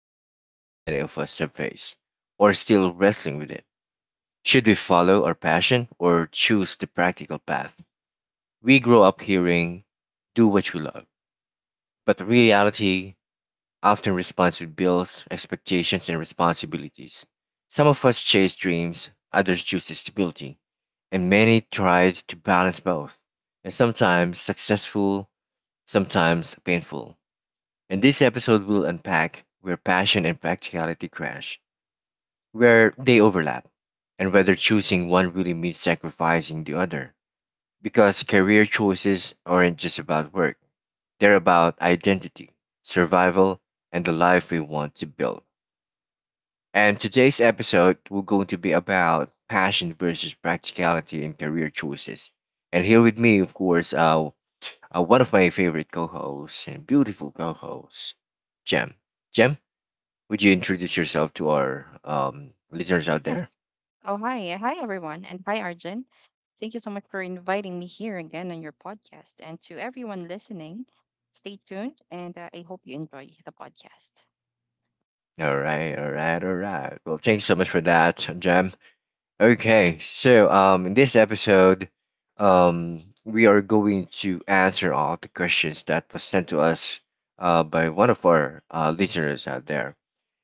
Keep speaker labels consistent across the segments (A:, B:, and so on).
A: into a question many of us have faced or still wrestling with it. Should we follow our passion or choose the practical path? We grow up hearing, do what you love, but the reality often responds with bills, expectations, and responsibilities. Some of us chase dreams, others choose stability, and many tried to balance both, and sometimes successful, sometimes painful. In this episode, we'll unpack where passion and practicality crash, where they overlap, and whether choosing one really means sacrificing the other. Because career choices aren't just about work, they're about identity, survival, and the life we want to build. And today's episode will going to be about passion versus practicality in career choices. And here with me, of course, one of my favorite co-hosts and beautiful co-hosts, Jem. Jem, would you introduce yourself to our listeners out there?
B: Yes. Oh, hi. Hi, everyone. And hi, Arjun. Thank you so much for inviting me here again on your podcast. And to everyone listening, stay tuned and I hope you enjoy the podcast.
A: All right, all right, all right. Well, thanks so much for that, Jam. Okay, so in this episode, we are going to answer all the questions that was sent to us by one of our listeners out there.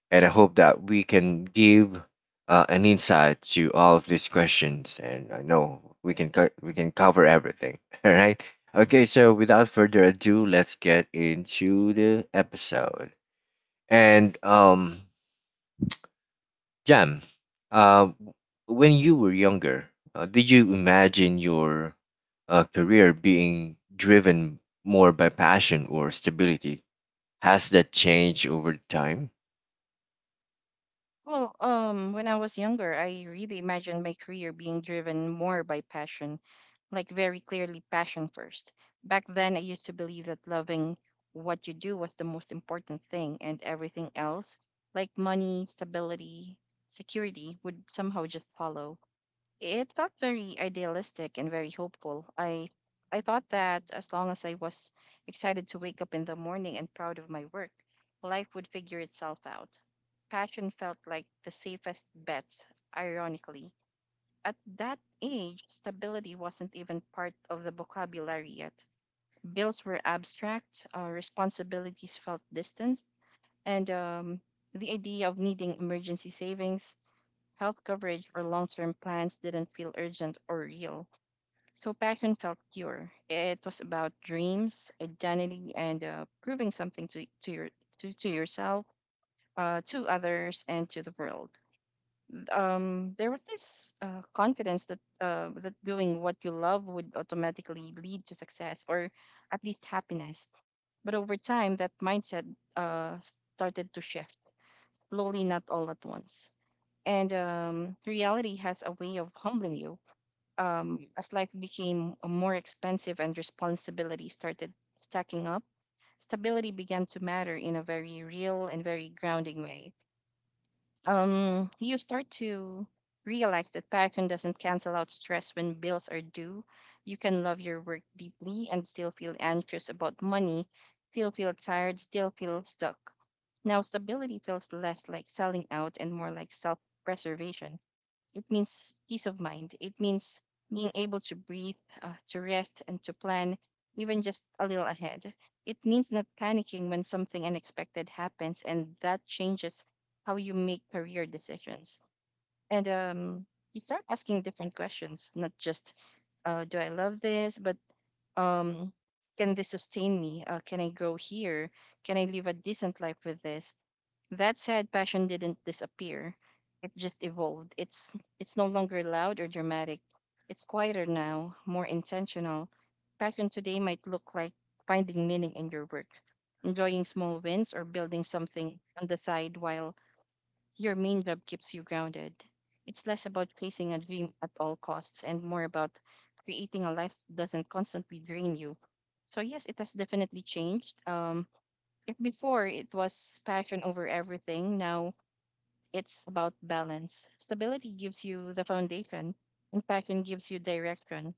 A: And I hope that we can give an insight to all of these questions. And I know we can we can cover everything. All right. Okay. So without further ado, let's get into the episode. And Jam, uh, when you were younger, did you imagine your career being driven more by passion or stability? Has that changed over time?
B: When I was younger, I really imagined my career being driven more by passion, like very clearly passion first. Back then, I used to believe that loving what you do was the most important thing and everything else, like money, stability, security, would somehow just follow. It felt very idealistic and very hopeful. I thought that as long as I was excited to wake up in the morning and proud of my work, life would figure itself out. Passion felt like the safest bet, ironically. At that age, stability wasn't even part of the vocabulary yet. Bills were abstract, responsibilities felt distant, and the idea of needing emergency savings, health coverage or long term plans didn't feel urgent or real. So passion felt pure. It was about dreams, identity, and proving something to yourself, to others, and to the world. There was this confidence that doing what you love would automatically lead to success or at least happiness. But over time, that mindset uh, started to shift slowly, not all at once. And reality has a way of humbling you as life became more expensive and responsibility started stacking up, stability began to matter in a very real and very grounding way. You start to realize that passion doesn't cancel out stress when bills are due. You can love your work deeply and still feel anxious about money, still feel tired, still feel stuck. Now, stability feels less like selling out and more like self preservation. It means peace of mind. It means being able to breathe, to rest, and to plan even just a little ahead. It means not panicking when something unexpected happens, and that changes how you make career decisions. And you start asking different questions, not just do I love this, but um, can this sustain me? Can I grow here? Can I live a decent life with this? That said, passion didn't disappear. It just evolved. It's no longer loud or dramatic. It's quieter now, more intentional. Passion today might look like finding meaning in your work, enjoying small wins or building something on the side while your main job keeps you grounded. It's less about chasing a dream at all costs and more about creating a life that doesn't constantly drain you. So yes, it has definitely changed. If before it was passion over everything, now it's about balance. Stability gives you the foundation, and passion gives you direction.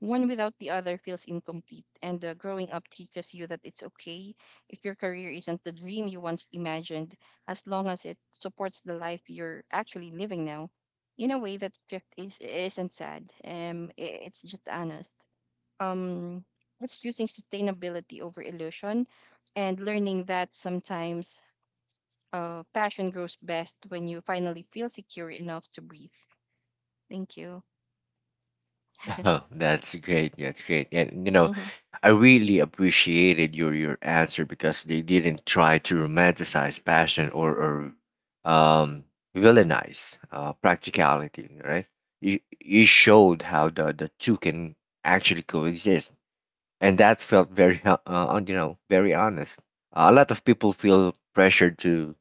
B: One without the other feels incomplete, and growing up teaches you that it's okay if your career isn't the dream you once imagined, as long as it supports the life you're actually living now. In a way, that shift isn't sad, it's just honest. um it's choosing sustainability over illusion and learning that sometimes passion grows best when you finally feel secure enough to breathe. Thank you.
A: Oh, that's great. That's great. And you know,
B: Mm-hmm.
A: I really appreciated your answer because they didn't try to romanticize passion or or um villainize practicality, right? You showed how the two can actually coexist, and that felt very you know, very honest. A lot of people feel pressured to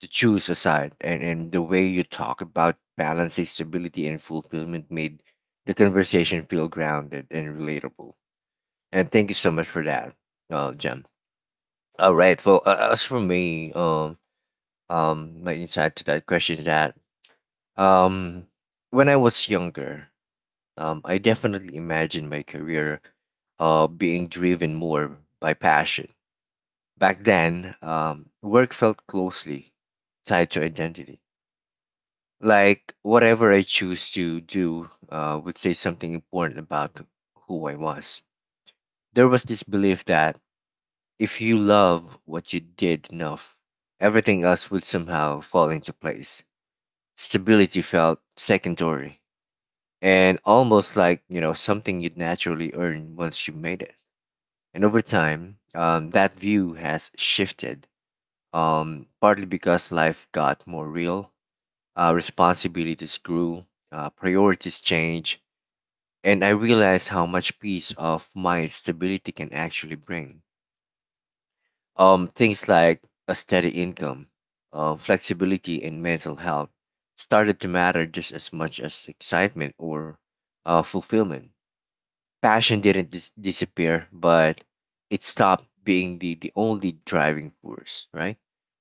A: choose a side, and the way you talk about balancing stability and fulfillment made the conversation feel grounded and relatable. And thank you so much for that, Jim. All right. Well, as for me, my insight to that question is that um, when I was younger, I definitely imagined my career being driven more by passion. Back then, work felt closely tied to identity. Like whatever I choose to do would say something important about who I was. There was this belief that if you love what you did enough, everything else would somehow fall into place. Stability felt secondary and almost like, you know, something you'd naturally earn once you made it. And over time, that view has shifted, partly because life got more real, responsibilities grew, priorities changed, and I realized how much peace of mind stability can actually bring. Things like a steady income, flexibility, and mental health started to matter just as much as excitement or fulfillment. Passion didn't disappear, but it stopped being the only driving force, right?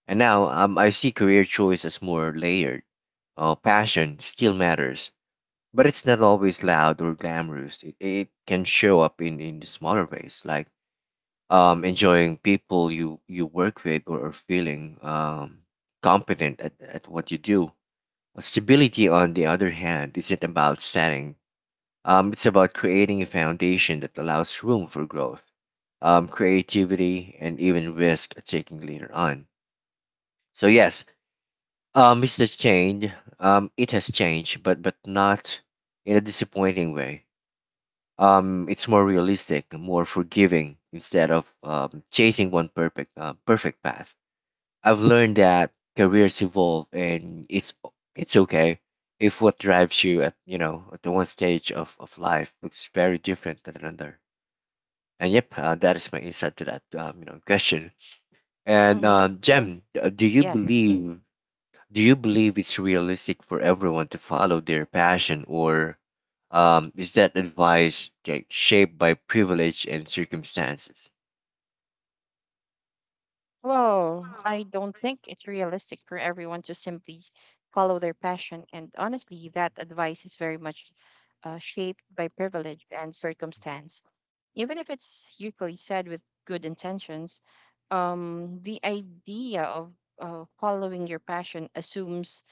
A: And now I see career choice as more layered. Passion still matters, but it's not always loud or glamorous. It can show up in smaller ways, like enjoying people you work with or feeling competent at what you do. Stability, on the other hand, isn't about setting. It's about creating a foundation that allows room for growth, creativity, and even risk taking later on. So yes, it's has changed. It has changed, but not in a disappointing way. It's more realistic, more forgiving, instead of chasing one perfect perfect path. I've learned that careers evolve and it's okay if what drives you at, you know, at the one stage of life looks very different than another. And yep, that is my insight to that you know, question. And
B: Mm-hmm.
A: Jem,
B: Yes.
A: do you believe it's realistic for everyone to follow their passion, or is that advice, like, shaped by privilege and circumstances?
B: Well, I don't think it's realistic for everyone to simply follow their passion. And honestly, that advice is very much shaped by privilege and circumstance. Even if it's usually said with good intentions, the idea of following your passion assumes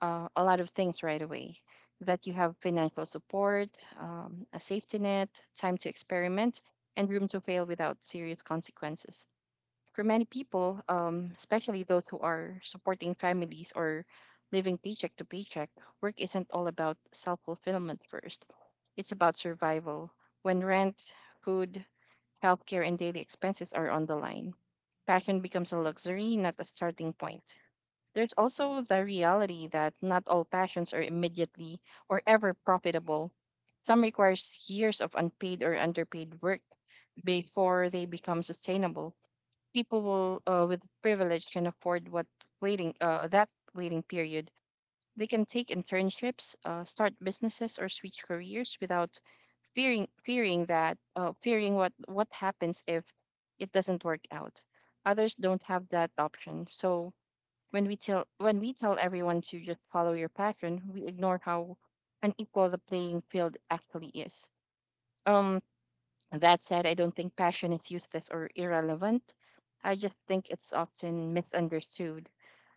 B: a lot of things right away, that you have financial support, a safety net, time to experiment, and room to fail without serious consequences. For many people, especially those who are supporting families or living paycheck to paycheck, work isn't all about self fulfillment first. It's about survival. When rent, food, healthcare, and daily expenses are on the line, passion becomes a luxury, not a starting point. There's also the reality that not all passions are immediately or ever profitable. Some requires years of unpaid or underpaid work before they become sustainable. People with privilege can afford what waiting that waiting period. They can take internships, start businesses, or switch careers without fearing what happens if it doesn't work out. Others don't have that option. So when we tell everyone to just follow your passion, we ignore how unequal the playing field actually is. Um, that said, I don't think passion is useless or irrelevant. I just think it's often misunderstood.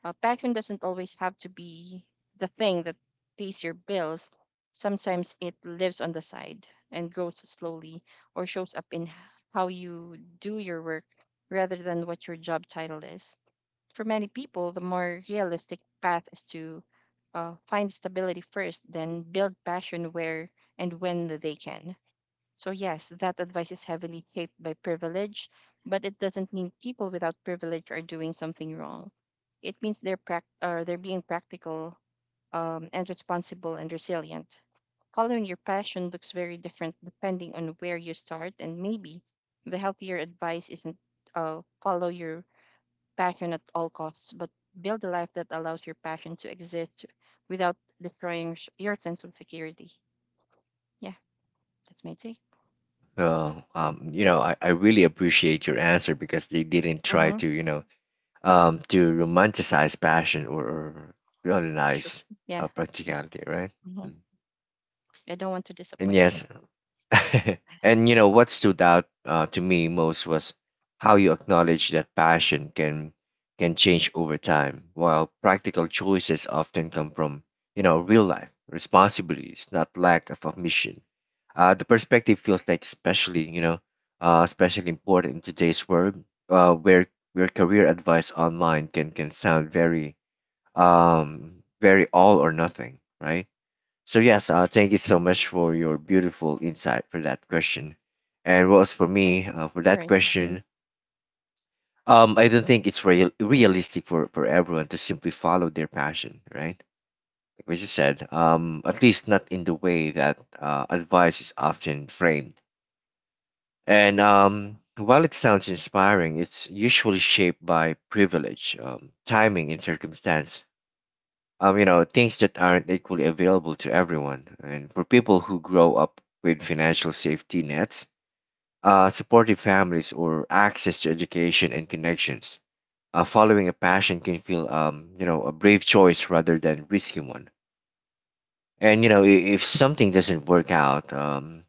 B: Passion doesn't always have to be the thing that pays your bills. Sometimes it lives on the side and grows slowly or shows up in how you do your work rather than what your job title is. For many people, the more realistic path is to find stability first, then build passion where and when they can. So, yes, that advice is heavily shaped by privilege, but it doesn't mean people without privilege are doing something wrong. It means they're being practical and responsible and resilient. Following your passion looks very different depending on where you start, and maybe the healthier advice isn't follow your passion at all costs, but build a life that allows your passion to exist without destroying your sense of security. Yeah, that's my take.
A: Well, you know, I really appreciate your answer because they didn't try
B: Mm-hmm.
A: to, you know, to romanticize passion or
B: Sure.
A: realize
B: Yeah.
A: practicality, right?
B: Hmm.
A: Mm.
B: I don't want to
A: And
B: disappoint you.
A: yes,
B: So,
A: and you know what stood out to me most was how you acknowledge that passion can change over time, while practical choices often come from, you know, real life responsibilities, not lack of ambition. The perspective feels like, especially, you know, especially important in today's world, uh, where where career advice online can sound very very all or nothing, right? So yes, thank you so much for your beautiful insight for that question. And what was for me for
B: all
A: that
B: right.
A: question, I don't think it's realistic for everyone to simply follow their passion, right? Like what you said, at least not in the way that advice is often framed. And while it sounds inspiring, it's usually shaped by privilege, timing, and circumstance, you know, things that aren't equally available to everyone. And for people who grow up with financial safety nets, supportive families, or access to education and connections, following a passion can feel, you know, a brave choice rather than risky one. And you know, if something doesn't work out,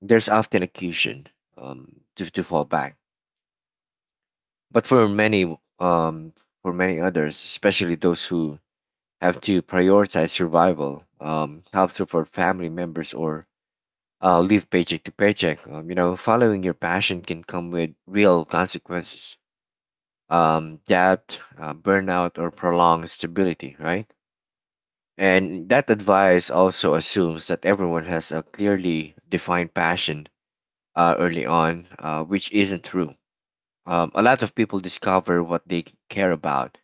A: there's often a cushion um, to fall back. But um, for many others, especially those who have to prioritize survival, help support family members, or live paycheck to paycheck. You know, following your passion can come with real consequences, debt, burnout, or prolonged stability, right? And that advice also assumes that everyone has a clearly defined passion early on, which isn't true. A lot of people discover what they care about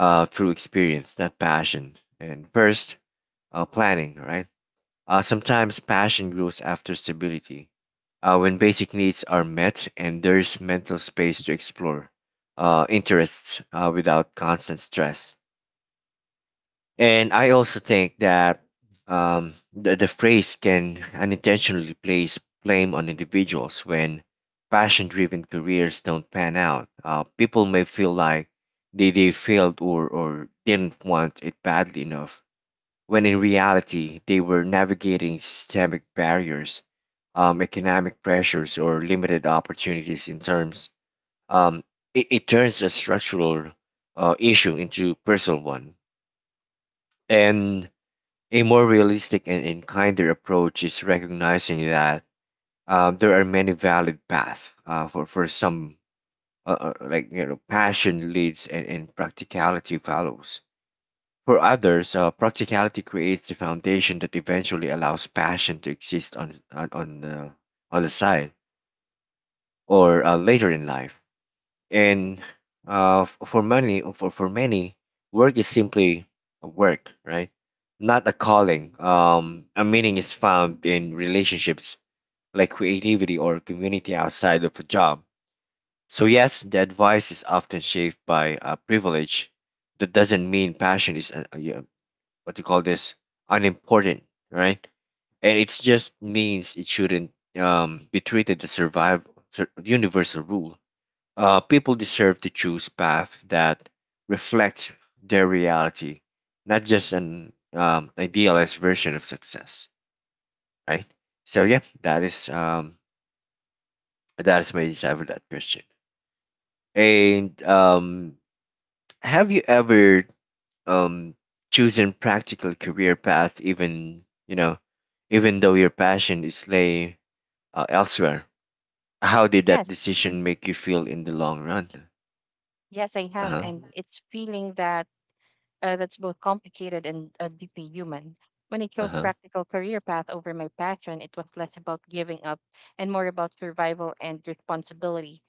A: through experience, not passion. And first, planning, right? Sometimes passion grows after stability, when basic needs are met and there's mental space to explore interests without constant stress. And I also think that the, phrase can unintentionally place blame on individuals when passion driven careers don't pan out. People may feel like they failed or didn't want it badly enough when in reality they were navigating systemic barriers, economic pressures, or limited opportunities in terms. Um, it turns a structural issue into personal one. And a more realistic and kinder approach is recognizing that there are many valid paths for some, like, you know, passion leads and practicality follows. For others, practicality creates the foundation that eventually allows passion to exist on the side or later in life. And for many, work is simply a work, right? Not a calling. A meaning is found in relationships, like creativity or community outside of a job. So yes, the advice is often shaped by privilege. That doesn't mean passion is what you call this unimportant, right? And it just means it shouldn't be treated as universal rule. People deserve to choose path that reflect their reality, not just an idealized version of success, right? So yeah, that is my answer for that question. And have you ever um, choosing practical career path, even you know, even though your passion is lay elsewhere? How did that
B: Yes.
A: decision make you feel in the long run?
B: Yes, I have.
A: Uh-huh.
B: And it's feeling that that's both complicated and deeply human. When I chose
A: Uh-huh.
B: practical career path over my passion, it was less about giving up and more about survival and responsibility.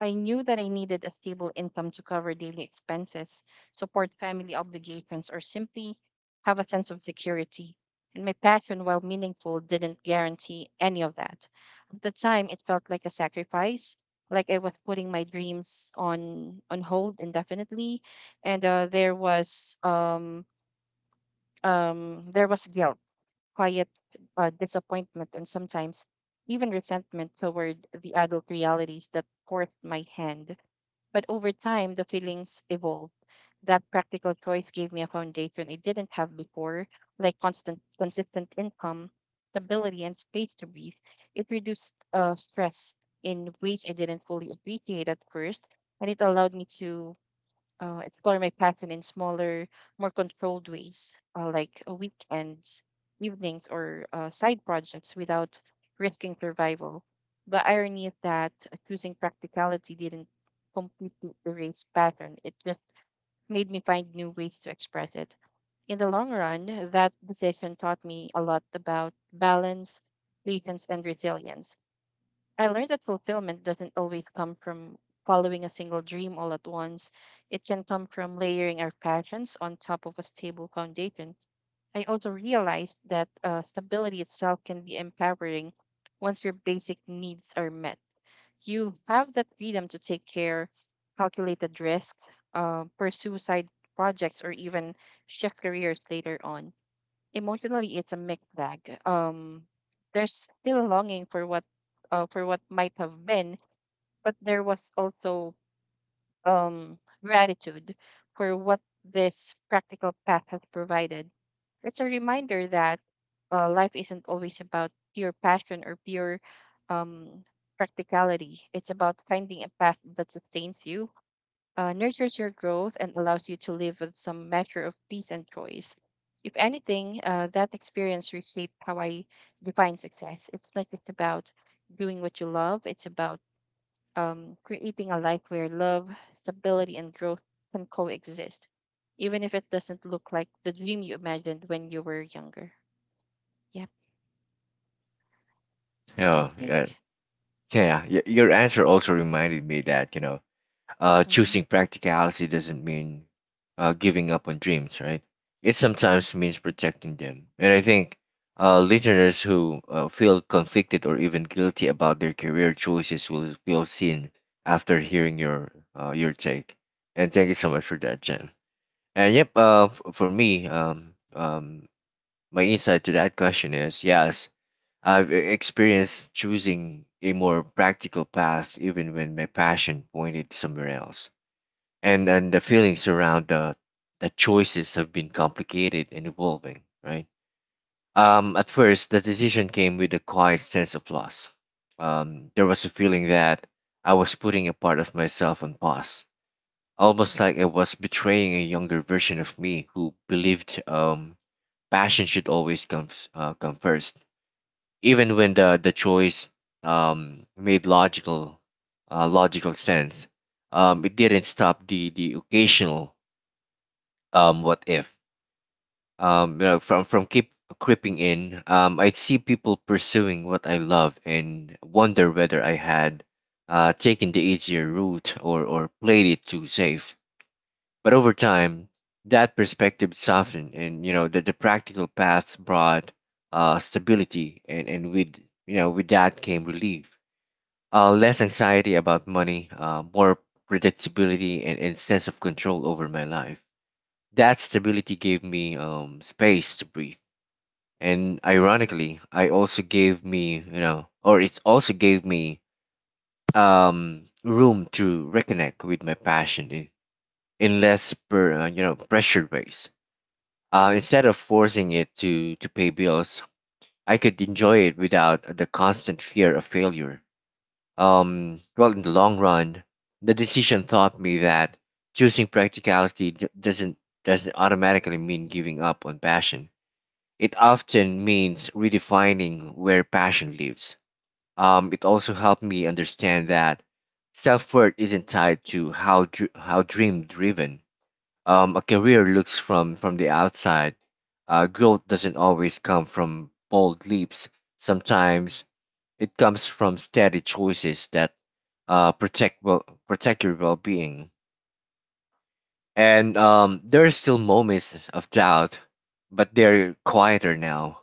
B: I knew that I needed a stable income to cover daily expenses, support family obligations, or simply have a sense of security. And my passion, while meaningful, didn't guarantee any of that. At the time, it felt like a sacrifice, like I was putting my dreams on hold indefinitely, and there was guilt, quiet disappointment, and sometimes even resentment toward the adult realities that forced my hand. But over time, the feelings evolved. That practical choice gave me a foundation I didn't have before, like constant, consistent income, stability, and space to breathe. It reduced stress in ways I didn't fully appreciate at first, and it allowed me to explore my passion in smaller, more controlled ways, like weekends, evenings, or side projects without risking survival. The irony is that choosing practicality didn't completely erase passion, it just made me find new ways to express it. In the long run, that decision taught me a lot about balance, patience, and resilience. I learned that fulfillment doesn't always come from following a single dream all at once. It can come from layering our passions on top of a stable foundation. I also realized that stability itself can be empowering once your basic needs are met. You have that freedom to take care, calculated risks, pursue side projects, or even shift careers later on. Emotionally, it's a mixed bag. There's still a longing for what might have been, but there was also um, gratitude for what this practical path has provided. It's a reminder that life isn't always about pure passion or pure um, practicality. It's about finding a path that sustains you, nurtures your growth and allows you to live with some measure of peace and choice. If anything, that experience reshaped how I define success. It's not just about doing what you love, it's about creating a life where love, stability, and growth can coexist, even if it doesn't look like the dream you imagined when you were younger. Yep, that's my
A: Oh, yeah,
B: take.
A: your answer also reminded me that, you know,
B: Hmm.
A: choosing practicality doesn't mean giving up on dreams, right? It
B: Hmm.
A: sometimes means protecting them. And I think listeners who feel conflicted or even guilty about their career choices will feel seen after hearing your take. And thank you so much for that, Jen. And yep, for me, my insight to that question is yes, I've experienced choosing a more practical path even when my passion pointed somewhere else, and the feelings around the choices have been complicated and evolving, right? At first, the decision came with a quiet sense of loss. There was a feeling that I was putting a part of myself on pause, almost like I was betraying a younger version of me who believed passion should always come come first, even when the choice made logical sense. It didn't stop the occasional what if from keep creeping in. I'd see people pursuing what I love and wonder whether I had taken the easier route, or played it too safe. But over time, that perspective softened, and that the practical paths brought stability, and with you know with that came relief. Less anxiety about money, more predictability, and sense of control over my life. That stability gave me space to breathe. And ironically, I also gave me, or it also gave me room to reconnect with my passion in less, pressured ways. Instead of forcing it to pay bills, I could enjoy it without the constant fear of failure. In the long run, the decision taught me that choosing practicality doesn't automatically mean giving up on passion. It often means redefining where passion lives. It also helped me understand that self worth isn't tied to how how dream driven a career looks from the outside. Growth doesn't always come from bold leaps. Sometimes it comes from steady choices that protect your well being. And there are still moments of doubt, but they're quieter now.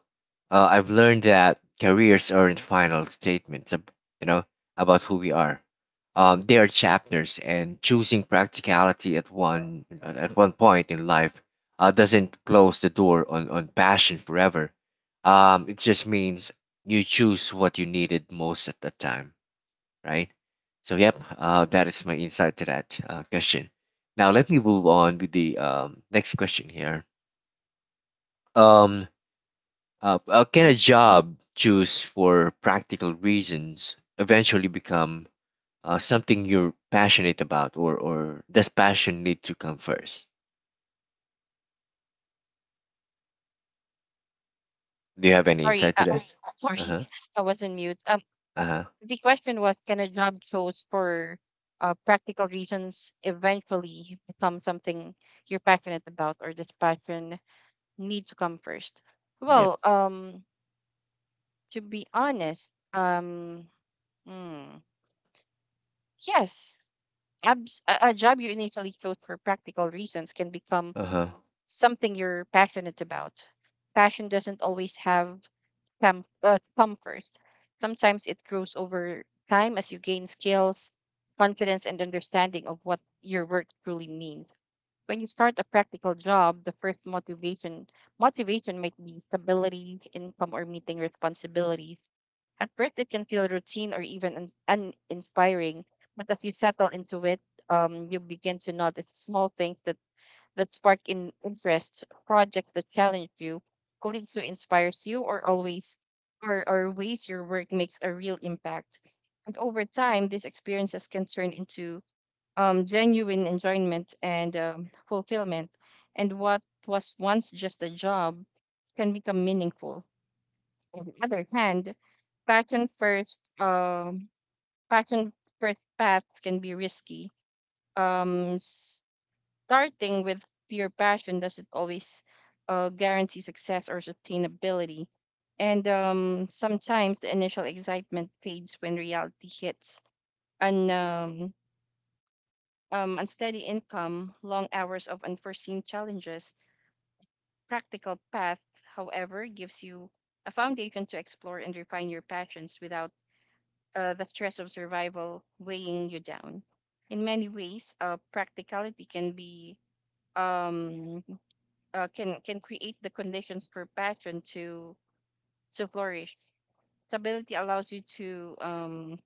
A: I've learned that careers aren't final statements, you know, about who we are. They are chapters, and choosing practicality at one point in life doesn't close the door on passion forever. It just means you choose what you needed most at that time, right? So, yep, that is my insight to that question. Now, let me move on with the next question here. Um, can a job choose for practical reasons eventually become something you're passionate about, or does passion need to come first? Do you have any
B: Sorry,
A: insight to
B: uh,
A: that?
B: Sorry,
A: Uh huh.
B: I was on mute.
A: Uh huh.
B: The question was, can a job chose for practical reasons eventually become something you're passionate about, or does passion need to come first?
A: Yep.
B: Well, um, to be honest, hmm, yes, a job you initially chose for practical reasons can become
A: Uh huh.
B: something you're passionate about. Passion doesn't always have come, come first. Sometimes it grows over time as you gain skills, confidence, and understanding of what your work truly means. When you start a practical job, the first motivation might be stability, income, or meeting responsibilities. At first, it can feel routine or even uninspiring, but as you settle into it, you begin to notice small things that spark in interest, projects that challenge you, colleagues who inspires you, or ways your work makes a real impact. And over time, these experiences can turn into genuine enjoyment and fulfillment. And what was once just a job can become meaningful. On the other hand, passion first um passion first paths can be risky. um Starting with pure passion doesn't always guarantee success or sustainability. And sometimes the initial excitement fades when reality hits. And unsteady income, long hours of unforeseen challenges, practical path, however, gives you a foundation to explore and refine your passions without the stress of survival weighing you down. In many ways, practicality can be um, can create the conditions for passion to flourish. Stability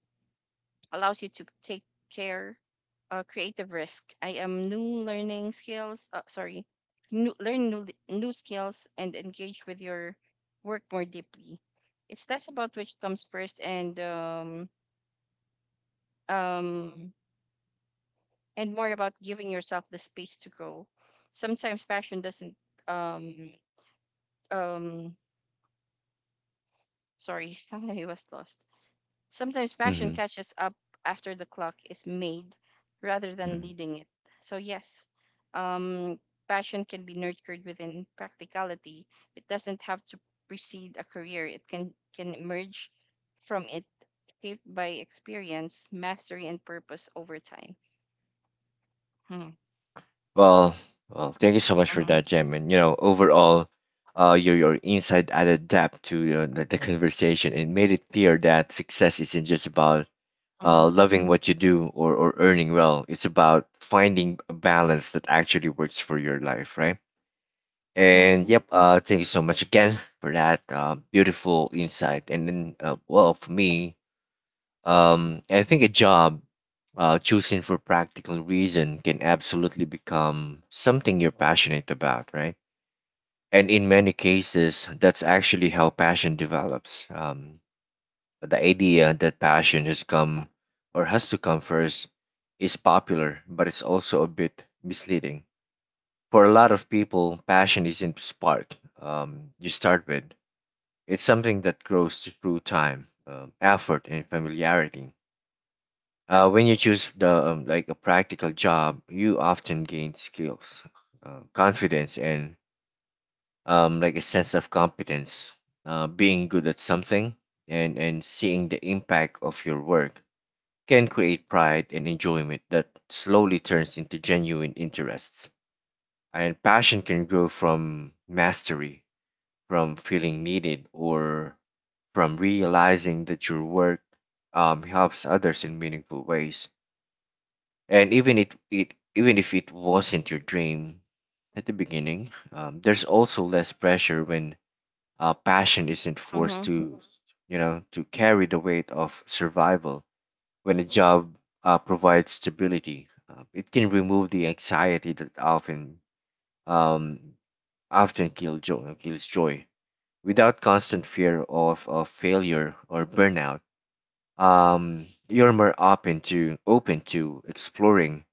B: allows you to take care, creative risk. I am new learning skills. Sorry, new, learn new skills and engage with your work more deeply. It's less about which comes first um, and more about giving yourself the space to grow. Sometimes passion doesn't, um, um, sorry, I was lost. Sometimes passion
A: Mm-hmm.
B: catches up after the clock is made rather than leading it. So, yes, um, passion can be nurtured within practicality. It doesn't have to precede a career, it can emerge from it, shaped by experience, mastery, and purpose over time. Hmm.
A: Well, well, thank you so much for
B: Mhm,
A: that, Jim. And you know, overall, your insight added depth to, you know, the conversation and made it clear that success isn't just about
B: mhm,
A: loving what you do, or earning well. It's about finding a balance that actually works for your life, right?
B: mhm,
A: And yep, thank you so much again for that beautiful insight. And then, for me, I think a job choosing for practical reason can absolutely become something you're passionate about, right? And in many cases, that's actually how passion develops. The idea that passion has come or has to come first is popular, but it's also a bit misleading. For a lot of people, passion isn't spark you start with. It's something that grows through time, effort, and familiarity. When you choose the like a practical job, you often gain skills, confidence, and like a sense of competence. Being good at something and seeing the impact of your work can create pride and enjoyment that slowly turns into genuine interests. And passion can grow from mastery, from feeling needed, or from realizing that your work helps others in meaningful ways, and even it even if it wasn't your dream at the beginning. There's also less pressure when passion isn't forced
B: mhm.
A: to, to carry the weight of survival. When a job provides stability, it can remove the anxiety that um, often kills joy. Without constant fear of failure or burnout, you're more open to exploring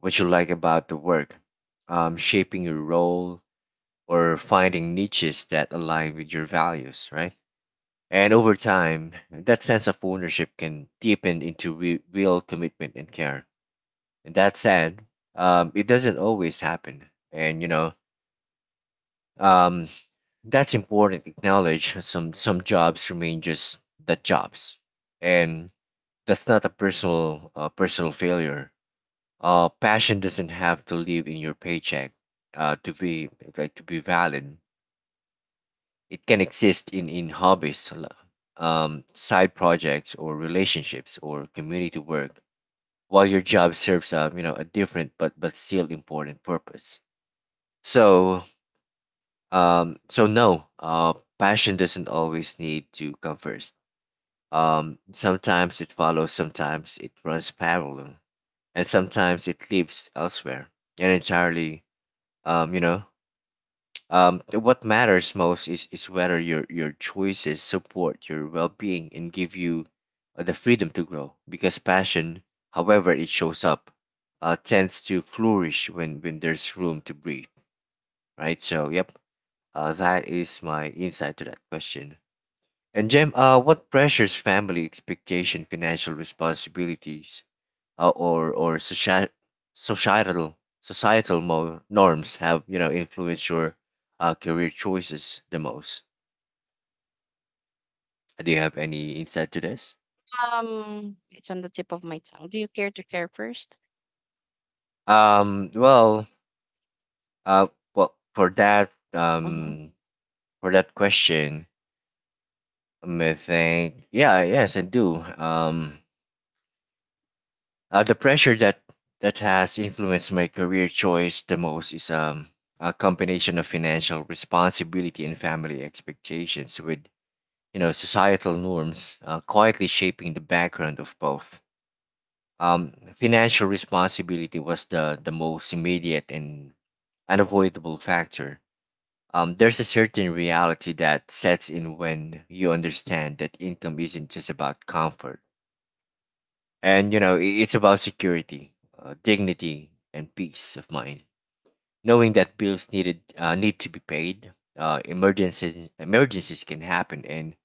A: what you like about the work, shaping your role, or finding niches that align with your values, right? And over time, that sense of ownership can deepen into real commitment and care. And that said, it doesn't always happen. And, um, that's important. Acknowledge some jobs remain just the jobs. And that's not a personal personal failure. Passion doesn't have to live in your paycheck to be to be valid. It can exist in hobbies, side projects, or relationships, or community work, while your job serves a, a different but still important purpose. So so no, passion doesn't always need to come first. Sometimes it follows, sometimes it runs parallel, and sometimes it lives elsewhere and entirely. um, you know what matters most is whether your choices support your well being and give you the freedom to grow. Because passion, however it shows up, tends to flourish when there's room to breathe, right? So, yep, that is my insight to that question. And Jem, what pressures, family expectation, financial responsibilities or societal norms have, you know, influenced your career choices the most? Do you have any insight to this?
B: It's on the tip of my tongue. Do you care to share first?
A: Um, well, uh, for that,
B: Mm-hmm,
A: for that question, I think, yeah, yes, I do. The pressure that has influenced my career choice the most is a combination of financial responsibility and family expectations, with, you know, societal norms quietly shaping the background of both. Financial responsibility was the most immediate and unavoidable factor. There's a certain reality that sets in when you understand that income isn't just about comfort. And, you know, it's about security, dignity, and peace of mind. Knowing that bills needed need to be paid, emergencies can happen, and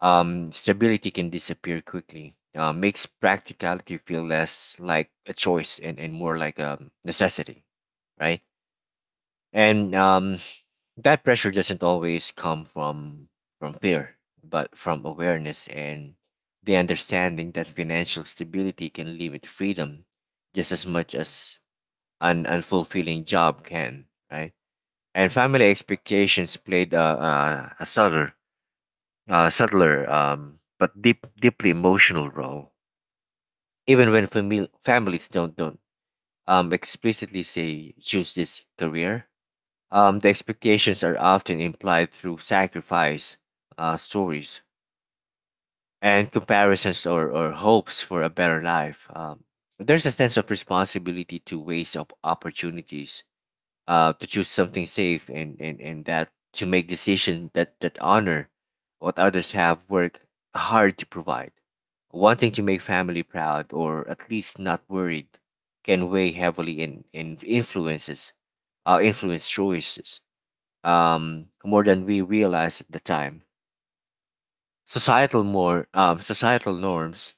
A: stability can disappear quickly, makes practicality feel less like a choice, and more like a necessity, right? And that pressure doesn't always come from fear, but from awareness and the understanding that financial stability can limit freedom just as much as an unfulfilling job can, right? And family expectations played a subtle subtler but deep, deeply emotional role. Even when families don't explicitly say choose this career, the expectations are often implied through sacrifice stories and comparisons, or hopes for a better life. There's a sense of responsibility to waste up opportunities, to choose something safe, and that to make decisions that, that honor what others have worked hard to provide. Wanting to make family proud, or at least not worried, can weigh heavily in influence choices more than we realize at the time. Societal norms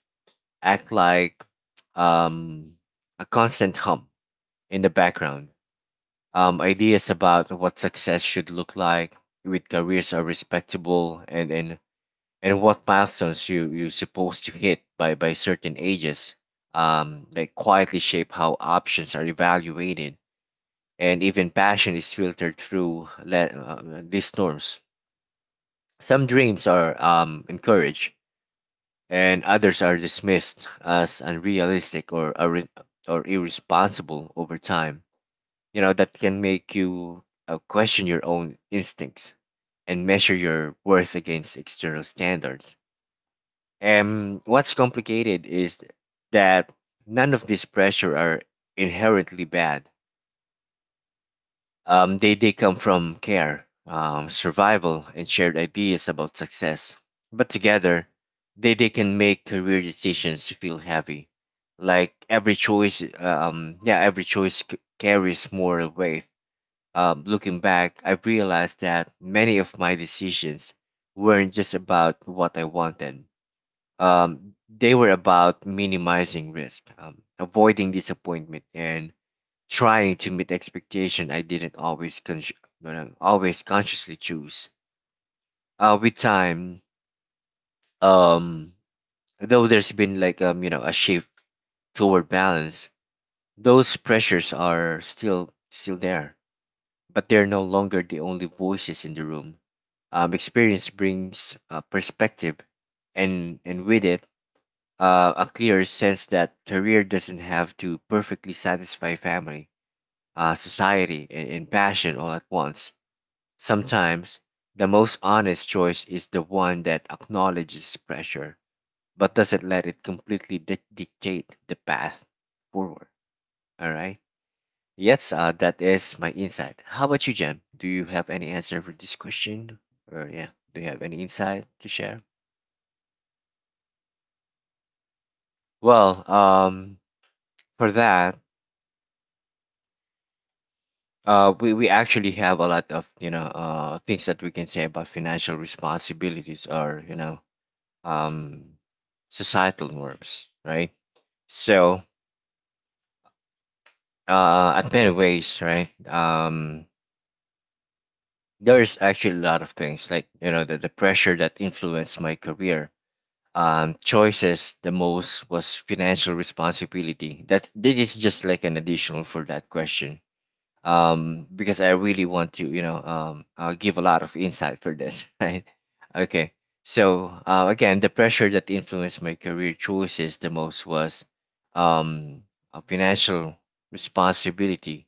A: act like um, a constant hum in the background. Ideas about what success should look like, with careers are respectable, and and what milestones you, you supposed to hit by certain ages, that quietly shape how options are evaluated. And even passion is filtered through these norms. Some dreams are encouraged, and others are dismissed as unrealistic, or irresponsible. Over time, you know, that can make you question your own instincts and measure your worth against external standards. And what's complicated is that none of these pressure are inherently bad. They come from care, survival, and shared ideas about success. But together, they can make career decisions feel heavy, like every choice carries moral weight. Looking back, I've realized that many of my decisions weren't just about what I wanted. They were about minimizing risk, avoiding disappointment, and trying to meet expectation I didn't always con- no, no, always consciously choose. With time, um, though there's been a shift toward balance. Those pressures are still there, but they're no longer the only voices in the room. Experience brings perspective, and with it, a clear sense that career doesn't have to perfectly satisfy family, society, and passion all at once. Sometimes the most honest choice is the one that acknowledges pressure but doesn't let it completely dictate the path forward. All right. Yes, that is my insight. How about you, Jem? Do you have any answer for this question? Or yeah, do you have any insight to share? Well, um, for that, we actually have a lot of, you know, things that we can say about financial responsibilities, or, you know, um, societal norms, right? So, at many ways, right? There's actually a lot of things, like, you know, the pressure that influenced my career. Choices the most was financial responsibility. That this is just like an additional for that question, because I really want to, you know, give a lot of insight for this, right? Okay. So again, the pressure that influenced my career choices the most was um, financial responsibility,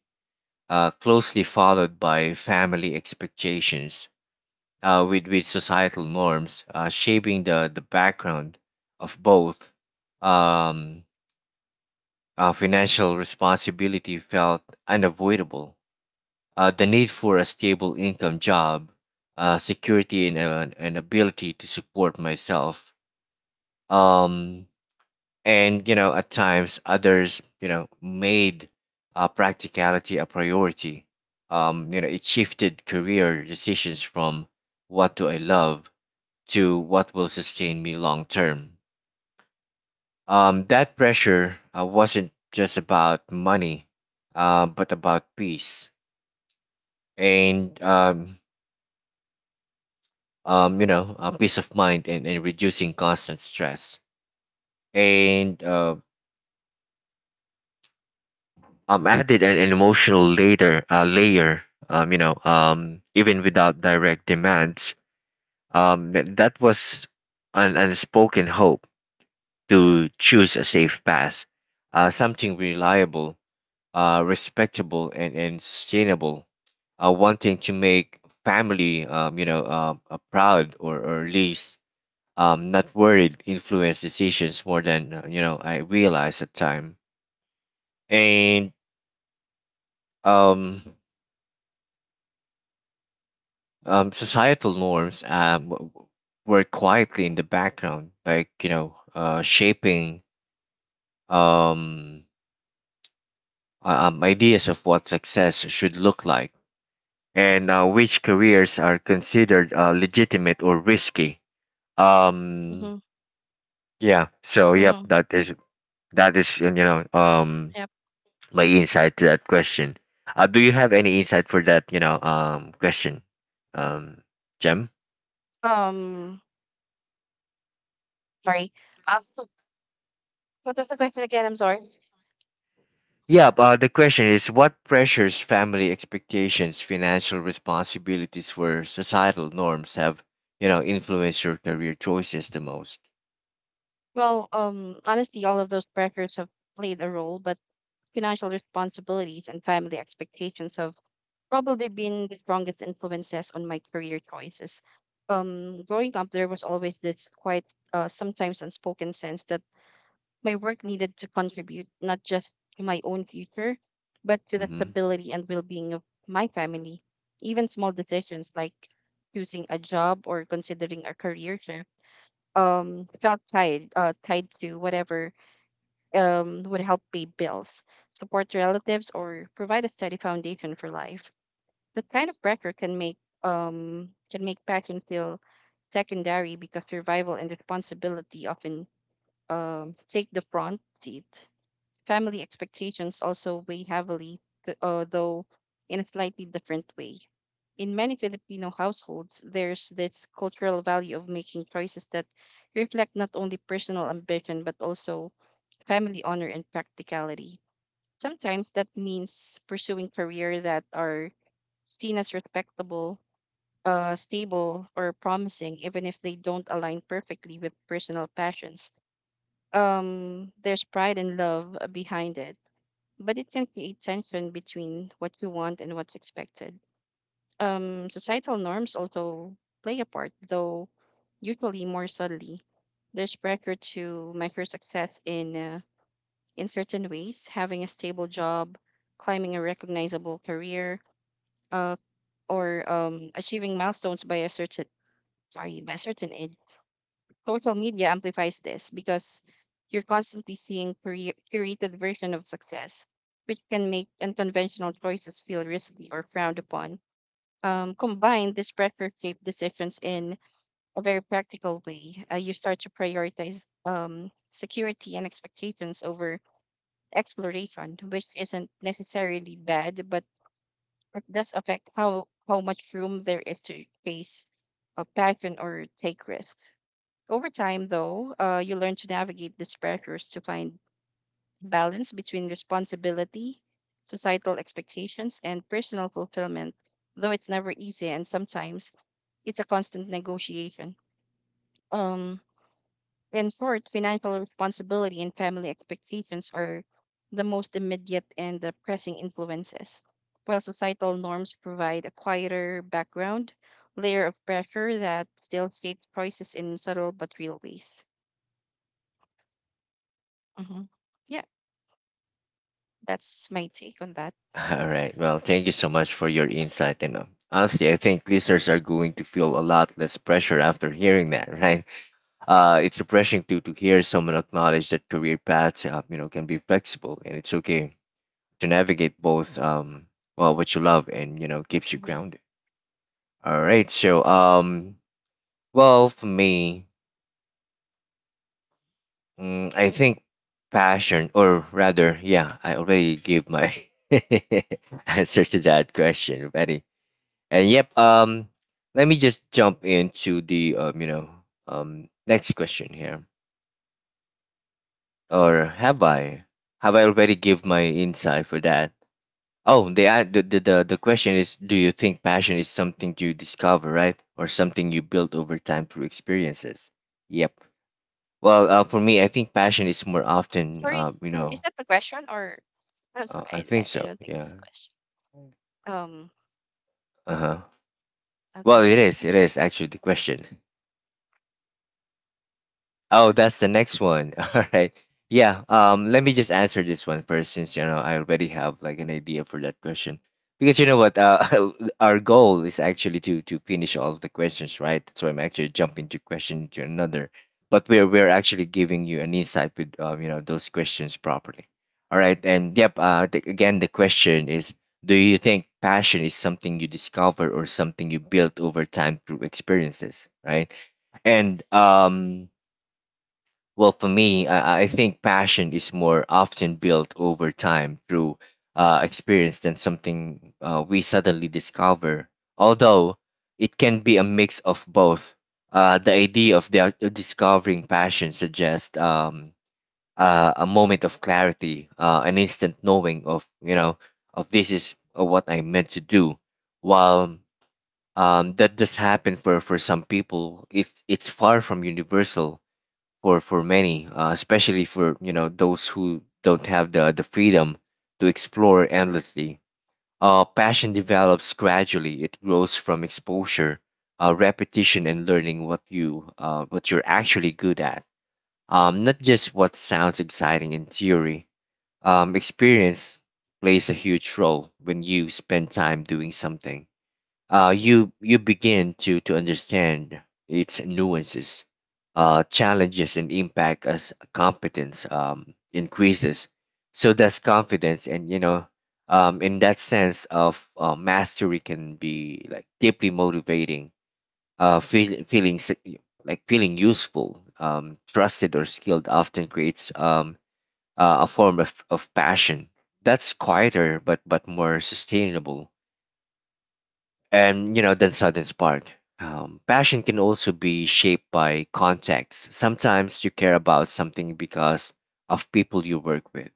A: closely followed by family expectations, with societal norms shaping the background of both. Um, Financial responsibility felt unavoidable. The need for a stable income job, security, and an ability to support myself. Um, and you know, at times others, you know, made practicality a priority. It shifted career decisions from what do I love to what will sustain me long term. That pressure wasn't just about money, but about peace. And you know, peace of mind and reducing constant stress. And added an emotional later layer, even without direct demands. That was an unspoken hope to choose a safe path, something reliable, respectable, and sustainable. Wanting to make family, proud or at least not worried influence decisions more than you know I realized at time. And um, societal norms were quietly in the background, like you know, shaping um, ideas of what success should look like and which careers are considered legitimate or risky. Um,
B: mm-hmm,
A: yeah. So
B: mm-hmm.
A: that is that is
B: Yep.
A: my insight to that question. Do you have any insight for that, question, um, Jem?
B: Um, Sorry. Um, What was the question again? I'm sorry.
A: Yeah, the question is, what pressures, family expectations, financial responsibilities, or societal norms have, you know, influenced your career choices the most?
B: Well, honestly, all of those pressures have played a role, but financial responsibilities and family expectations have probably been the strongest influences on my career choices. Growing up, there was always this quite, sometimes unspoken sense that my work needed to contribute not just to my own future, but to the
A: Mm-hmm.
B: stability and well-being of my family. Even small decisions like choosing a job or considering a career shift felt tied to whatever would help pay bills, support relatives, or provide a steady foundation for life. That kind of pressure can make passion feel secondary because survival and responsibility often take the front seat. Family expectations also weigh heavily, though in a slightly different way. In many Filipino households, there's this cultural value of making choices that reflect not only personal ambition but also family honor and practicality. Sometimes that means pursuing careers that are seen as respectable, stable, or promising, even if they don't align perfectly with personal passions. There's pride and love behind it, but it can create tension between what you want and what's expected. Societal norms also play a part, though usually more subtly. There's pressure to measure success in certain ways: having a stable job, climbing a recognizable career, uh, or achieving milestones by a certain age. Social media amplifies this because you're constantly seeing curated version of success, which can make unconventional choices feel risky or frowned upon. Combined, this pressure shaped decisions in a very practical way. You start to prioritize security and expectations over exploration, which isn't necessarily bad, but it does affect how much room there is to face a passion or take risks. Over time, though, you learn to navigate these pressures to find balance between responsibility, societal expectations, and personal fulfillment, though it's never easy and sometimes it's a constant negotiation. Um, in short, financial responsibility and family expectations are the most immediate and the pressing influences, while societal norms provide a quieter background layer of pressure that still shapes choices in subtle but real ways. Mhm. Yeah. That's my take on that.
A: All right. Well, thank you so much for your insight. And Honestly, I think listeners are going to feel a lot less pressure after hearing that, right? It's refreshing to hear someone acknowledge that career paths, can be flexible, and it's okay to navigate both. Well, what you love and you know keeps you
B: Hmm.
A: grounded. All right. So, well, for me, I think passion, or rather, yeah, I already gave my answer to that question already. And yep, um, let me just jump into the next question here. Or have I? Have I already give my insight for that? Oh, the, an- the question is, do you think passion is something you discover, right, or something you build over time through experiences? Yep. Well, for me, I think passion is more often,
B: Sorry, is that the question, or I'm sorry,
A: I
B: I,
A: think
B: I I
A: so.
B: don't think that's
A: Yeah.
B: is a question. Um,
A: Uh huh. Well,
B: okay,
A: it is. It is actually the question. Oh,
B: sure.
A: that's the next one. All right. Yeah. Let me just answer this one first, since you know I already have like an idea for that question. Because you know what, our goal is actually to finish all of the questions, right? So I'm actually jumping to question to another, but we're actually giving you an insight with you know those questions properly. All right. And yep. Again, the question is, do you think passion is something you discover or something you build over time through experiences, right? And well, for me, I think passion is more often built over time through experience than something we suddenly discover. Although it can be a mix of both. The idea of discovering passion suggests a moment of clarity, an instant knowing of you know of this is what I meant to do. While that does happen for some people, it's far from universal for many, especially for you know those who don't have the freedom to explore endlessly. Passion develops gradually. It grows from exposure, repetition, and learning what you what you're actually good at. Not just what sounds exciting in theory. Experience plays a huge role when you spend time doing something you you begin to understand its nuances, challenges, and impact as competence increases. So that's confidence, and you know, in that sense of mastery can be like deeply motivating. Feeling like feeling useful, trusted, or skilled often creates a form of passion that's quieter but more sustainable and you know then sudden spark. Passion can also be shaped by context. Sometimes you care about something because of people you work with,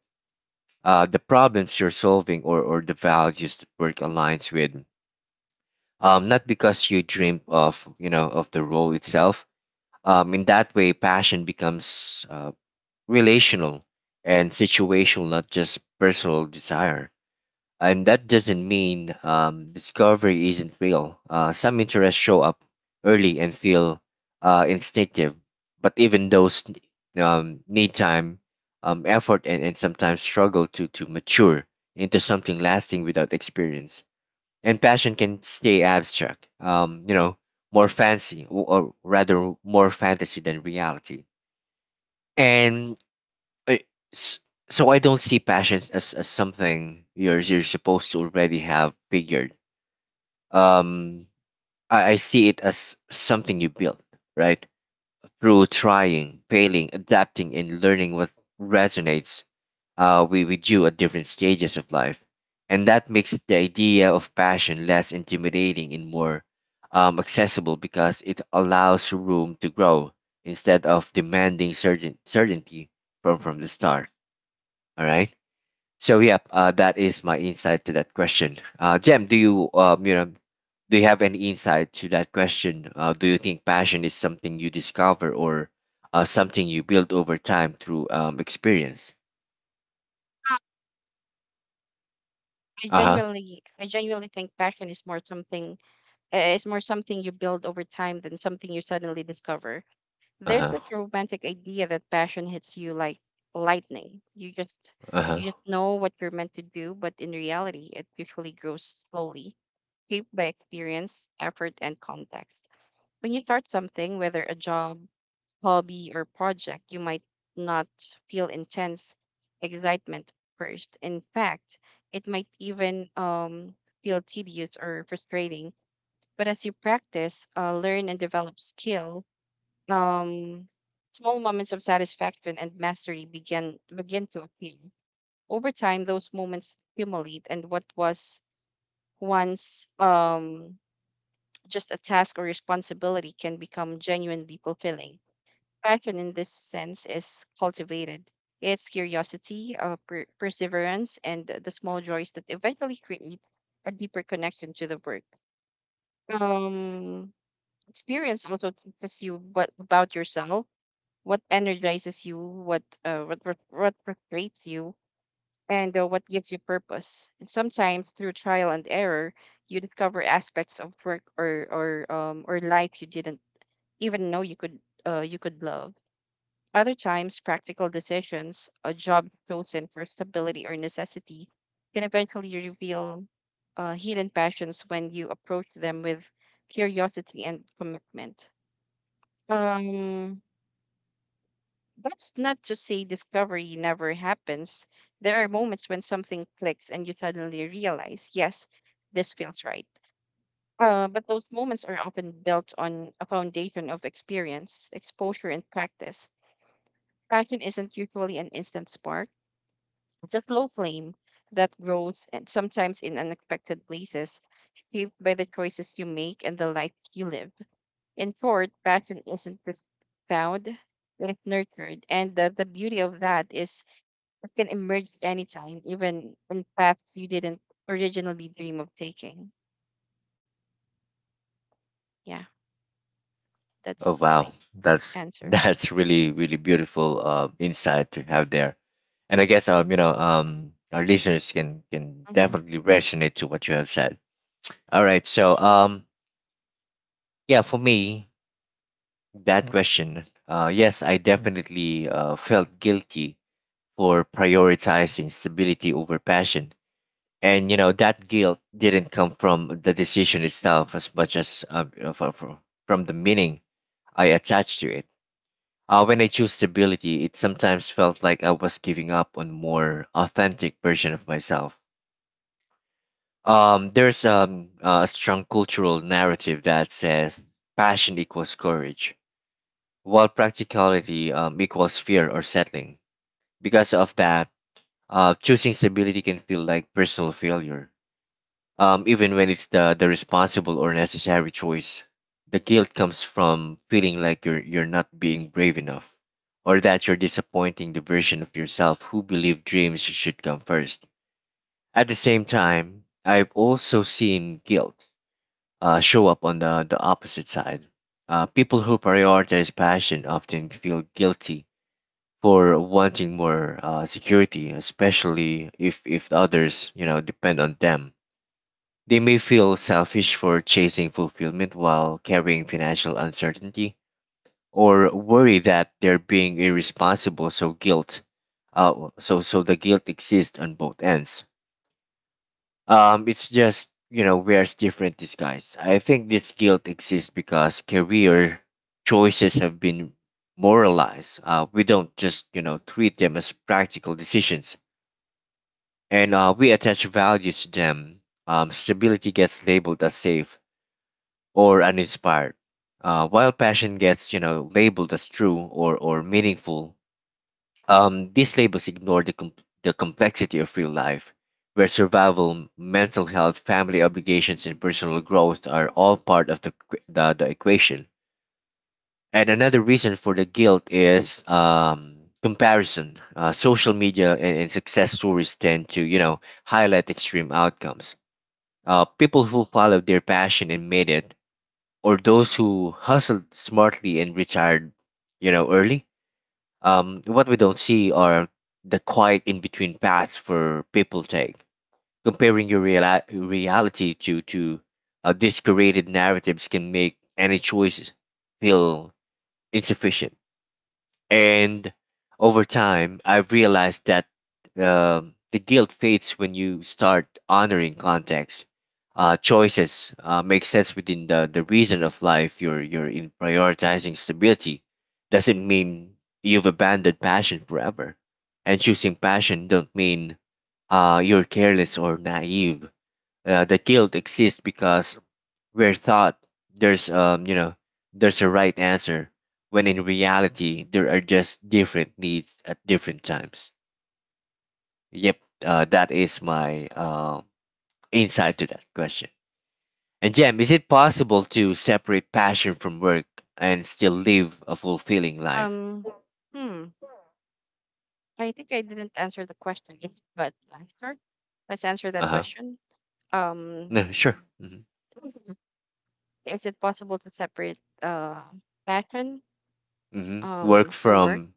A: the problems you're solving, or the values that work aligns with, not because you dream of you know of the role itself. In that way passion becomes relational and situational, not just personal desire. And that doesn't mean discovery isn't real. Some interests show up early and feel instinctive, but even those need time, effort, and sometimes struggle to mature into something lasting. Without experience, And passion can stay abstract, more fancy, or rather more fantasy than reality. And I- s- so I don't see passions as something you're supposed to already have figured. Um, I see it as something you build, right? Through trying, failing, adapting, and learning what resonates with you at different stages of life, and that makes the idea of passion less intimidating and more accessible because it allows room to grow instead of demanding certainty from the start. All right. So that is my insight to that question. Jem, do you you know do you have any insight to that question? Do you think passion is something you discover or something you build over time through experience?
B: Uh, I
A: Uh huh.
B: genuinely, I genuinely think passion is more something you build over time than something you suddenly discover.
A: Uh
B: There's this
A: huh.
B: romantic idea that passion hits you like lightning. You just
A: Uh huh.
B: you just know what you're meant to do, but in reality, it usually grows slowly, shaped by experience, effort, and context. When you start something, whether a job, hobby or project, you might not feel intense excitement first. In fact, it might even feel tedious or frustrating. But as you practice, learn, and develop skill, um, small moments of satisfaction and mastery begin to appear. Over time, those moments accumulate, and what was once just a task or responsibility can become genuinely fulfilling. Passion in this sense is cultivated. It's curiosity, perseverance, and the small joys that eventually create a deeper connection to the work. Um, Experience also teaches you what about yourself, what energizes you, what frustrates you, and what gives you purpose. And sometimes through trial and error, you discover aspects of work or life you didn't even know you could love. Other times, practical decisions, a job chosen for stability or necessity, can eventually reveal hidden passions when you approach them with curiosity and commitment. Um, that's not to say discovery never happens. There are moments when something clicks and you suddenly realize, yes, this feels right. But those moments are often built on a foundation of experience, exposure, and practice. Passion isn't usually an instant spark. It's a slow flame that grows and sometimes in unexpected places, shaped by the choices you make and the life you live. In short, passion isn't just found, it's nurtured. And the beauty of that is it can emerge anytime, even in paths you didn't originally dream of taking. Yeah,
A: Oh
B: that's
A: wow,
B: my
A: that's
B: answer.
A: that's really really beautiful insight to have there, and I guess our listeners can
B: Hmm.
A: definitely resonate to what you have said. All right, so yeah, for me that question. Yes, I definitely felt guilty for prioritizing stability over passion. And you know that guilt didn't come from the decision itself as much as from, from the meaning I attached to it. When I chose stability, it sometimes felt like I was giving up on more authentic version of myself. There's a strong cultural narrative that says passion equals courage while practicality equals fear or settling. Because of that, choosing stability can feel like personal failure, even when it's the responsible or necessary choice. The guilt comes from feeling like you're not being brave enough, or that you're disappointing the version of yourself who believed dreams should come first. At the same time, I've also seen guilt show up on the opposite side. People who prioritize passion often feel guilty for wanting more security, especially if others, you know, depend on them. They may feel selfish for chasing fulfillment while carrying financial uncertainty or worry that they're being irresponsible. So guilt, so the guilt exists on both ends. It's just, you know, wears different disguise. I think this guilt exists because career choices have been moralized. We don't just, you know, treat them as practical decisions. And We attach values to them. Stability gets labeled as safe or uninspired, while passion gets, you know, labeled as true, or meaningful. These labels ignore the complexity of real life, where survival, mental health, family obligations, and personal growth are all part of the equation. And another reason for the guilt is comparison. Social media and success stories tend to, you know, highlight extreme outcomes. People who followed their passion and made it, or those who hustled smartly and retired, you know, early, what we don't see are the quiet in between paths for people take. Comparing your reality to these curated narratives can make any choice feel insufficient. And over time, I've realized that the guilt fades when you start honoring context. Choices make sense within the reason of life you're in. Prioritizing stability doesn't mean you've abandoned passion forever. And choosing passion don't mean you're careless or naive. The guilt exists because we're thought there's you know there's a right answer, when in reality there are just different needs at different times. Yep, that is my insight to that question. And Jem, is it possible to separate passion from work and still live a fulfilling life?
B: Um, hmm. I think I didn't answer the question, but sure, let's answer
A: Uh
B: that
A: huh.
B: question. Um,
A: No, sure. Hmm.
B: Is it possible to separate passion
A: Hmm. Work
B: from work?
A: from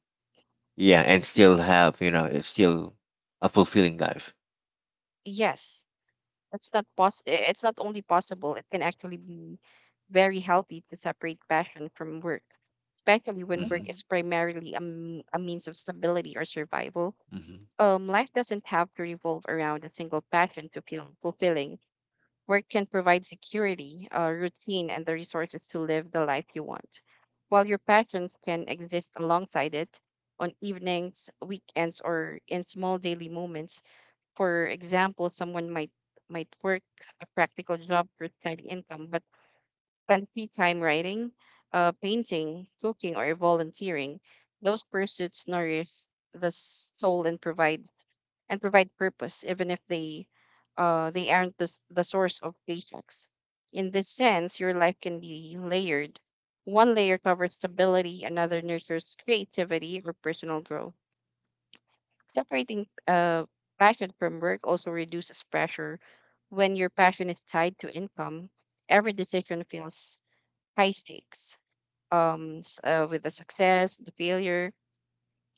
A: yeah, and still have you know it's still a fulfilling life.
B: Yes, it's not only possible; it can actually be very healthy to separate passion from work, especially when work
A: Hmm.
B: is primarily a means of stability or survival.
A: Hmm.
B: Life doesn't have to revolve around a single passion to feel fulfilling. Work can provide security, a routine, and the resources to live the life you want, while your passions can exist alongside it on evenings, weekends, or in small daily moments. For example, someone might work a practical job for steady income, but spend free time writing, painting, cooking, or volunteering. Those pursuits nourish the soul and provide purpose, even if they aren't the source of paychecks. In this sense, your life can be layered. One layer covers stability, another nurtures creativity or personal growth. Separating passion from work also reduces pressure. When your passion is tied to income, every decision feels high stakes. With the success, the failure,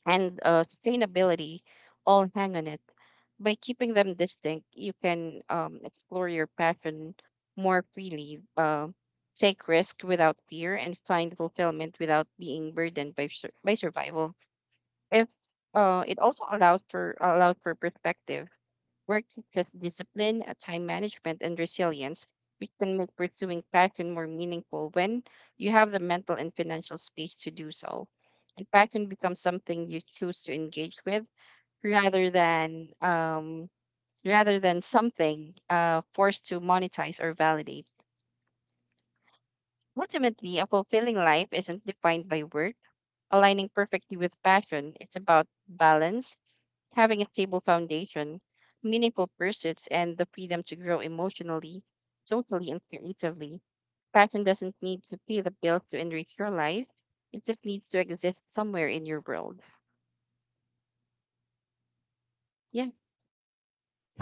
B: and sustainability all hang on it. By keeping them distinct, you can explore your passion more freely, take risk without fear, and find fulfillment without being burdened by by survival. If It also allows for perspective. Work teaches discipline, time management, and resilience, which can make pursuing passion more meaningful when you have the mental and financial space to do so. And passion becomes something you choose to engage with rather than um, rather than something forced to monetize or validate. Ultimately, a fulfilling life isn't defined by work. Aligning perfectly with passion, it's about balance. Having a stable foundation, meaningful pursuits, and the freedom to grow emotionally, socially, and creatively. Passion doesn't need to pay the bills to enrich your life. It just needs to exist somewhere in your world. Yeah,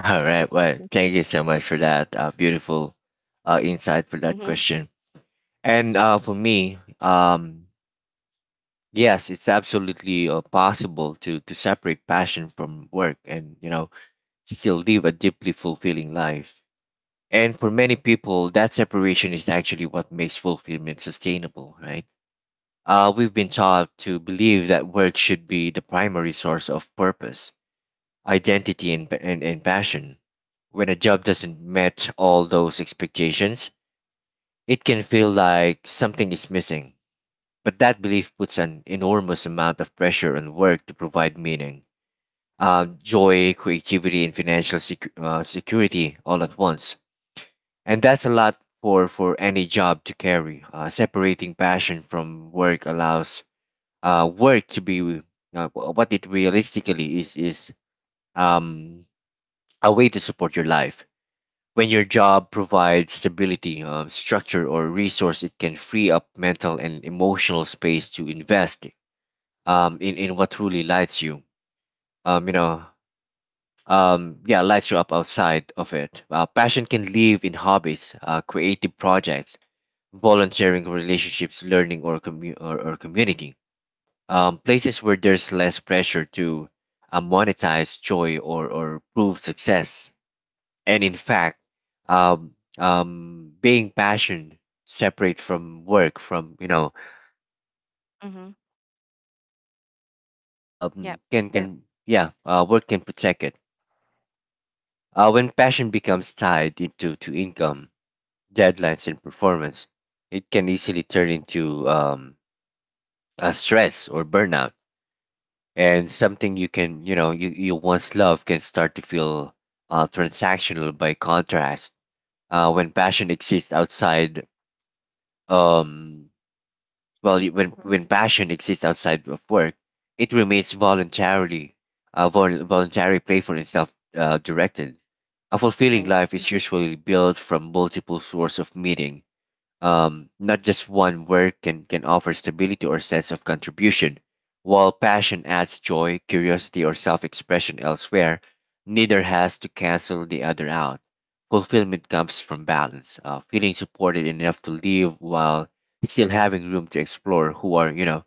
A: All right.
B: that's
A: Well,
B: my
A: thank you
B: take.
A: so much for that beautiful insight for that
B: Mm-hmm.
A: question. And For me, yes, it's absolutely possible to separate passion from work and you know still live a deeply fulfilling life. And for many people, that separation is actually what makes fulfillment sustainable, right? We've been taught to believe that work should be the primary source of purpose, identity, and passion. When a job doesn't match all those expectations, it can feel like something is missing. But that belief puts an enormous amount of pressure on work to provide meaning, joy, creativity, and security all at once. And that's a lot for any job to carry. Separating passion from work allows work to be what it realistically is um, a way to support your life. When your job provides stability, structure, or resource, it can free up mental and emotional space to invest in what truly lights you. Um, you know, yeah, Lights you up outside of it. Passion can live in hobbies, creative projects, volunteering, relationships, learning, or community. Places where there's less pressure to monetize joy or prove success. And in fact, um, being passion separate from work from you know
B: Mm-hmm. Yeah.
A: can. Work can protect it. When passion becomes tied into to income, deadlines, and performance, it can easily turn into a stress or burnout. And something you can you know you, you once love can start to feel transactional by contrast. When passion exists outside. Um, Well,
B: Mhm.
A: when passion exists outside of work, it remains voluntarily, voluntary, playful, and self-directed. A fulfilling
B: Right.
A: life is usually built from multiple sources of meaning, not just one. Work can offer stability or sense of contribution, while passion adds joy, curiosity, or self expression elsewhere. Neither has to cancel the other out. Fulfillment comes from balance, feeling supported enough to live while still having room to explore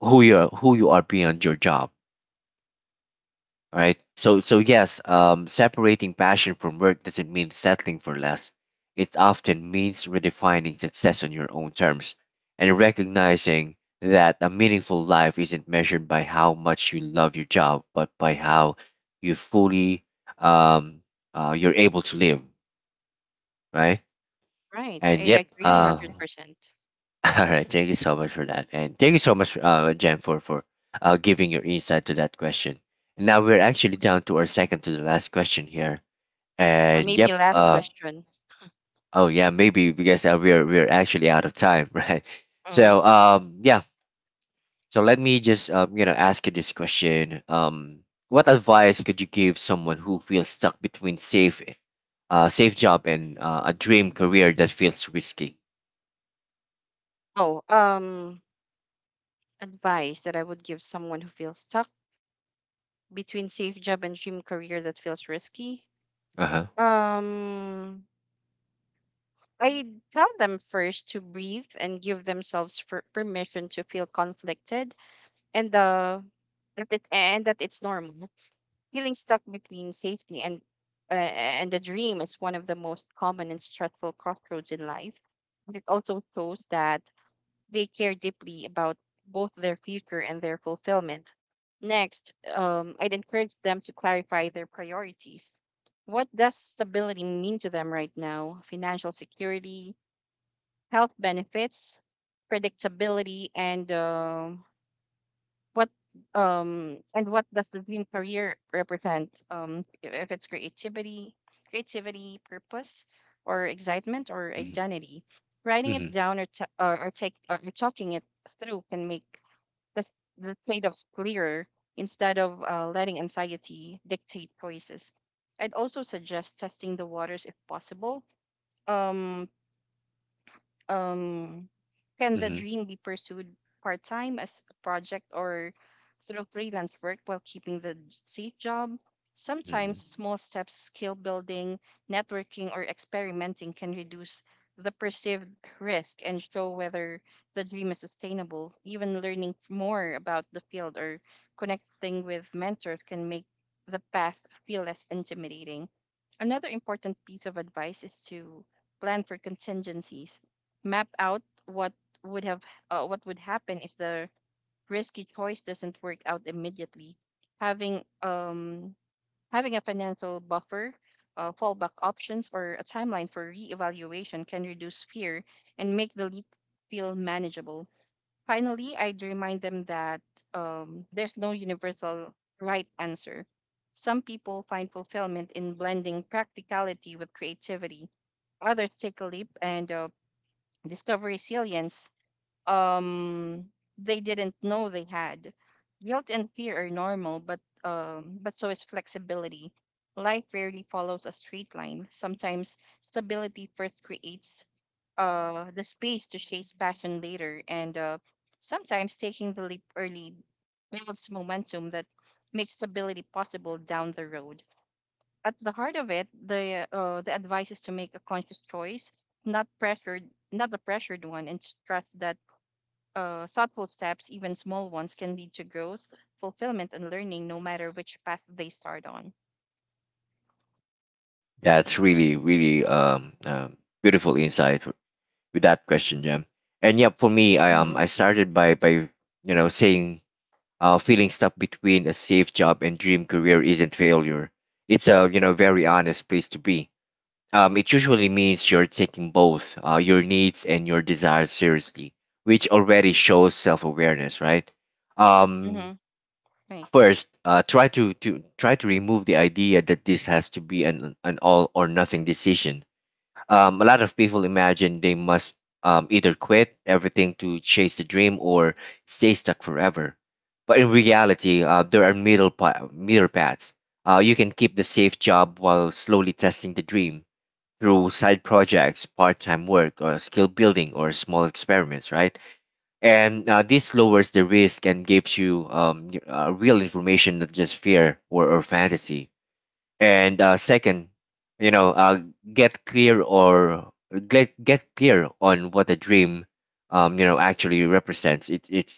A: who you are beyond your job. All right. So yes, separating passion from work doesn't mean settling for less. It often means redefining success on your own terms and recognizing that a meaningful life isn't measured by how much you love your job, but by how you fully um you're able to live, right?
B: Right.
A: And
B: I
A: yep,
B: agree 100%. Percent
A: all right, thank you so much for that. And thank you so much Jen for giving your insight to that question. And now we're actually
B: Hmm.
A: down to our second to the last question here.
B: Or
A: And
B: maybe
A: yep,
B: last question.
A: oh yeah, maybe because we're actually out of time, right?
B: Mm-hmm.
A: So yeah. So let me just you know, ask you this question. What advice could you give someone who feels stuck between safe job and a dream career that feels risky?
B: Oh, advice that I would give someone who feels stuck between safe job and dream career that feels risky.
A: Uh huh.
B: Um, I tell them first to breathe and give themselves permission to feel conflicted and uh, and that it's normal. Feeling stuck between safety and the dream is one of the most common and stressful crossroads in life. And it also shows that they care deeply about both their future and their fulfillment. Next, I'd encourage them to clarify their priorities. What does stability mean to them right now? Financial security, health benefits, predictability, and what what does the dream career represent? If it's creativity, purpose, or excitement or identity, writing it
A: Mm-hmm.
B: down or t- or take or talking it through can make the, the trade-offs clearer instead of letting anxiety dictate choices. I'd also suggest testing the waters if possible. Um, um, can the
A: Mm-hmm.
B: dream be pursued part time as a project or through freelance work while keeping the safe job?
A: Mm-hmm.
B: Sometimes small steps, skill building, networking, or experimenting can reduce the perceived risk and show whether the dream is sustainable. Even learning more about the field or connecting with mentors can make the path feel less intimidating. Another important piece of advice is to plan for contingencies. Map out would have what would happen if the risky choice doesn't work out immediately. Having um Having a financial buffer, fallback options, or a timeline for reevaluation can reduce fear and make the leap feel manageable. Finally, I'd remind them that there's no universal right answer. Some people find fulfillment in blending practicality with creativity. Others take a leap and discover resilience um, they didn't know they had. Guilt and fear are normal, but so is flexibility. Life rarely follows a straight line. Sometimes stability first creates the space to chase passion later, and sometimes taking the leap early builds momentum that makes stability possible down the road. At the heart of it, the advice is to make a conscious choice, not pressured, not a pressured one, and to trust that thoughtful steps, even small ones, can lead to growth, fulfillment, and learning, no matter which path they start on.
A: That's really, really, beautiful insight with that question, Jam. And yeah, for me, I started by saying feeling stuck between a safe job and dream career isn't failure. It's a you know very honest place to be. It usually means you're taking both your needs and your desires seriously, which already shows self-awareness, right? Um,
B: Mm-hmm. Right.
A: First, try to remove the idea that this has to be an all or nothing decision. Um, a lot of people imagine they must either quit everything to chase the dream or stay stuck forever. But in reality, there are middle paths. You can keep the safe job while slowly testing the dream through side projects, part-time work, or skill building, or small experiments, right? And this lowers the risk and gives you real information, not just fear or fantasy. And second, you know uh, get clear or get clear on what a dream actually represents. It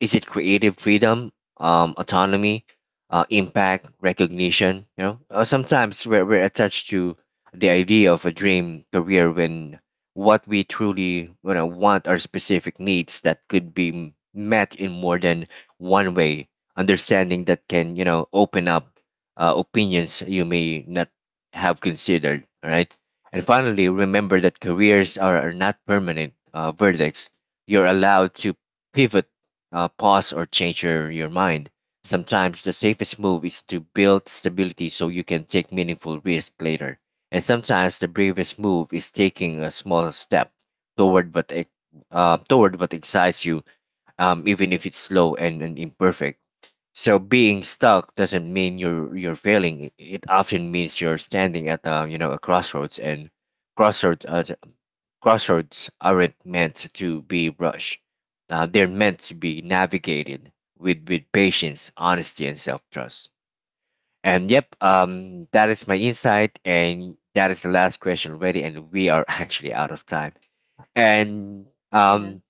A: Is it creative freedom, autonomy, impact, recognition? Sometimes we're attached to the idea of a dream career when what we truly you know want are specific needs that could be met in more than one way. Understanding that can you know open up opinions you may not have considered. All right. And finally, remember that careers are not permanent verdicts. You're allowed to pivot, pause, or change your mind. Sometimes the safest move is to build stability so you can take meaningful risk later. And sometimes the bravest move is taking a small step toward what ex- toward what excites you, even if it's slow and imperfect. So being stuck doesn't mean you're failing. It often means you're standing at a you know a crossroads, and crossroads uh, crossroads aren't meant to be rushed. They're meant to be navigated with patience, honesty, and self trust. And yep, that is my insight, and that is the last question already, and we are actually out of time. And um,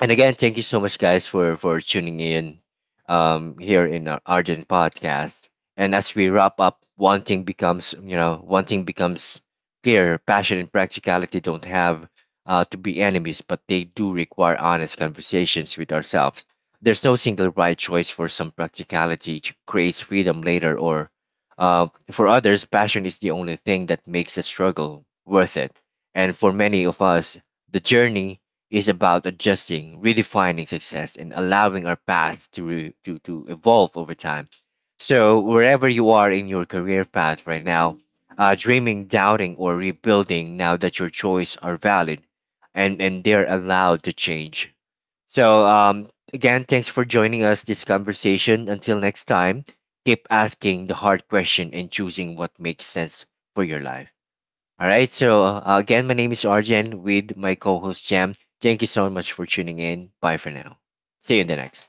A: and again, thank you so much guys for tuning in here in our argent podcast. And as we wrap up, one thing becomes you know one thing becomes clear: passion and practicality don't have to be enemies, but they do require honest conversations with ourselves. There's no single right choice. For some, practicality creates freedom later, or for others, passion is the only thing that makes the struggle worth it. And for many of us, the journey is about adjusting, redefining success, and allowing our path to evolve over time. So, wherever you are in your career path right now, dreaming, doubting, or rebuilding, now that your choices are valid and they're allowed to change. So, again, thanks for joining us this conversation. Until next time, keep asking the hard question and choosing what makes sense for your life. All right. So again, my name is Arjen with my co-host Jam. Thank you so much for tuning in. Bye for now. See you in the next.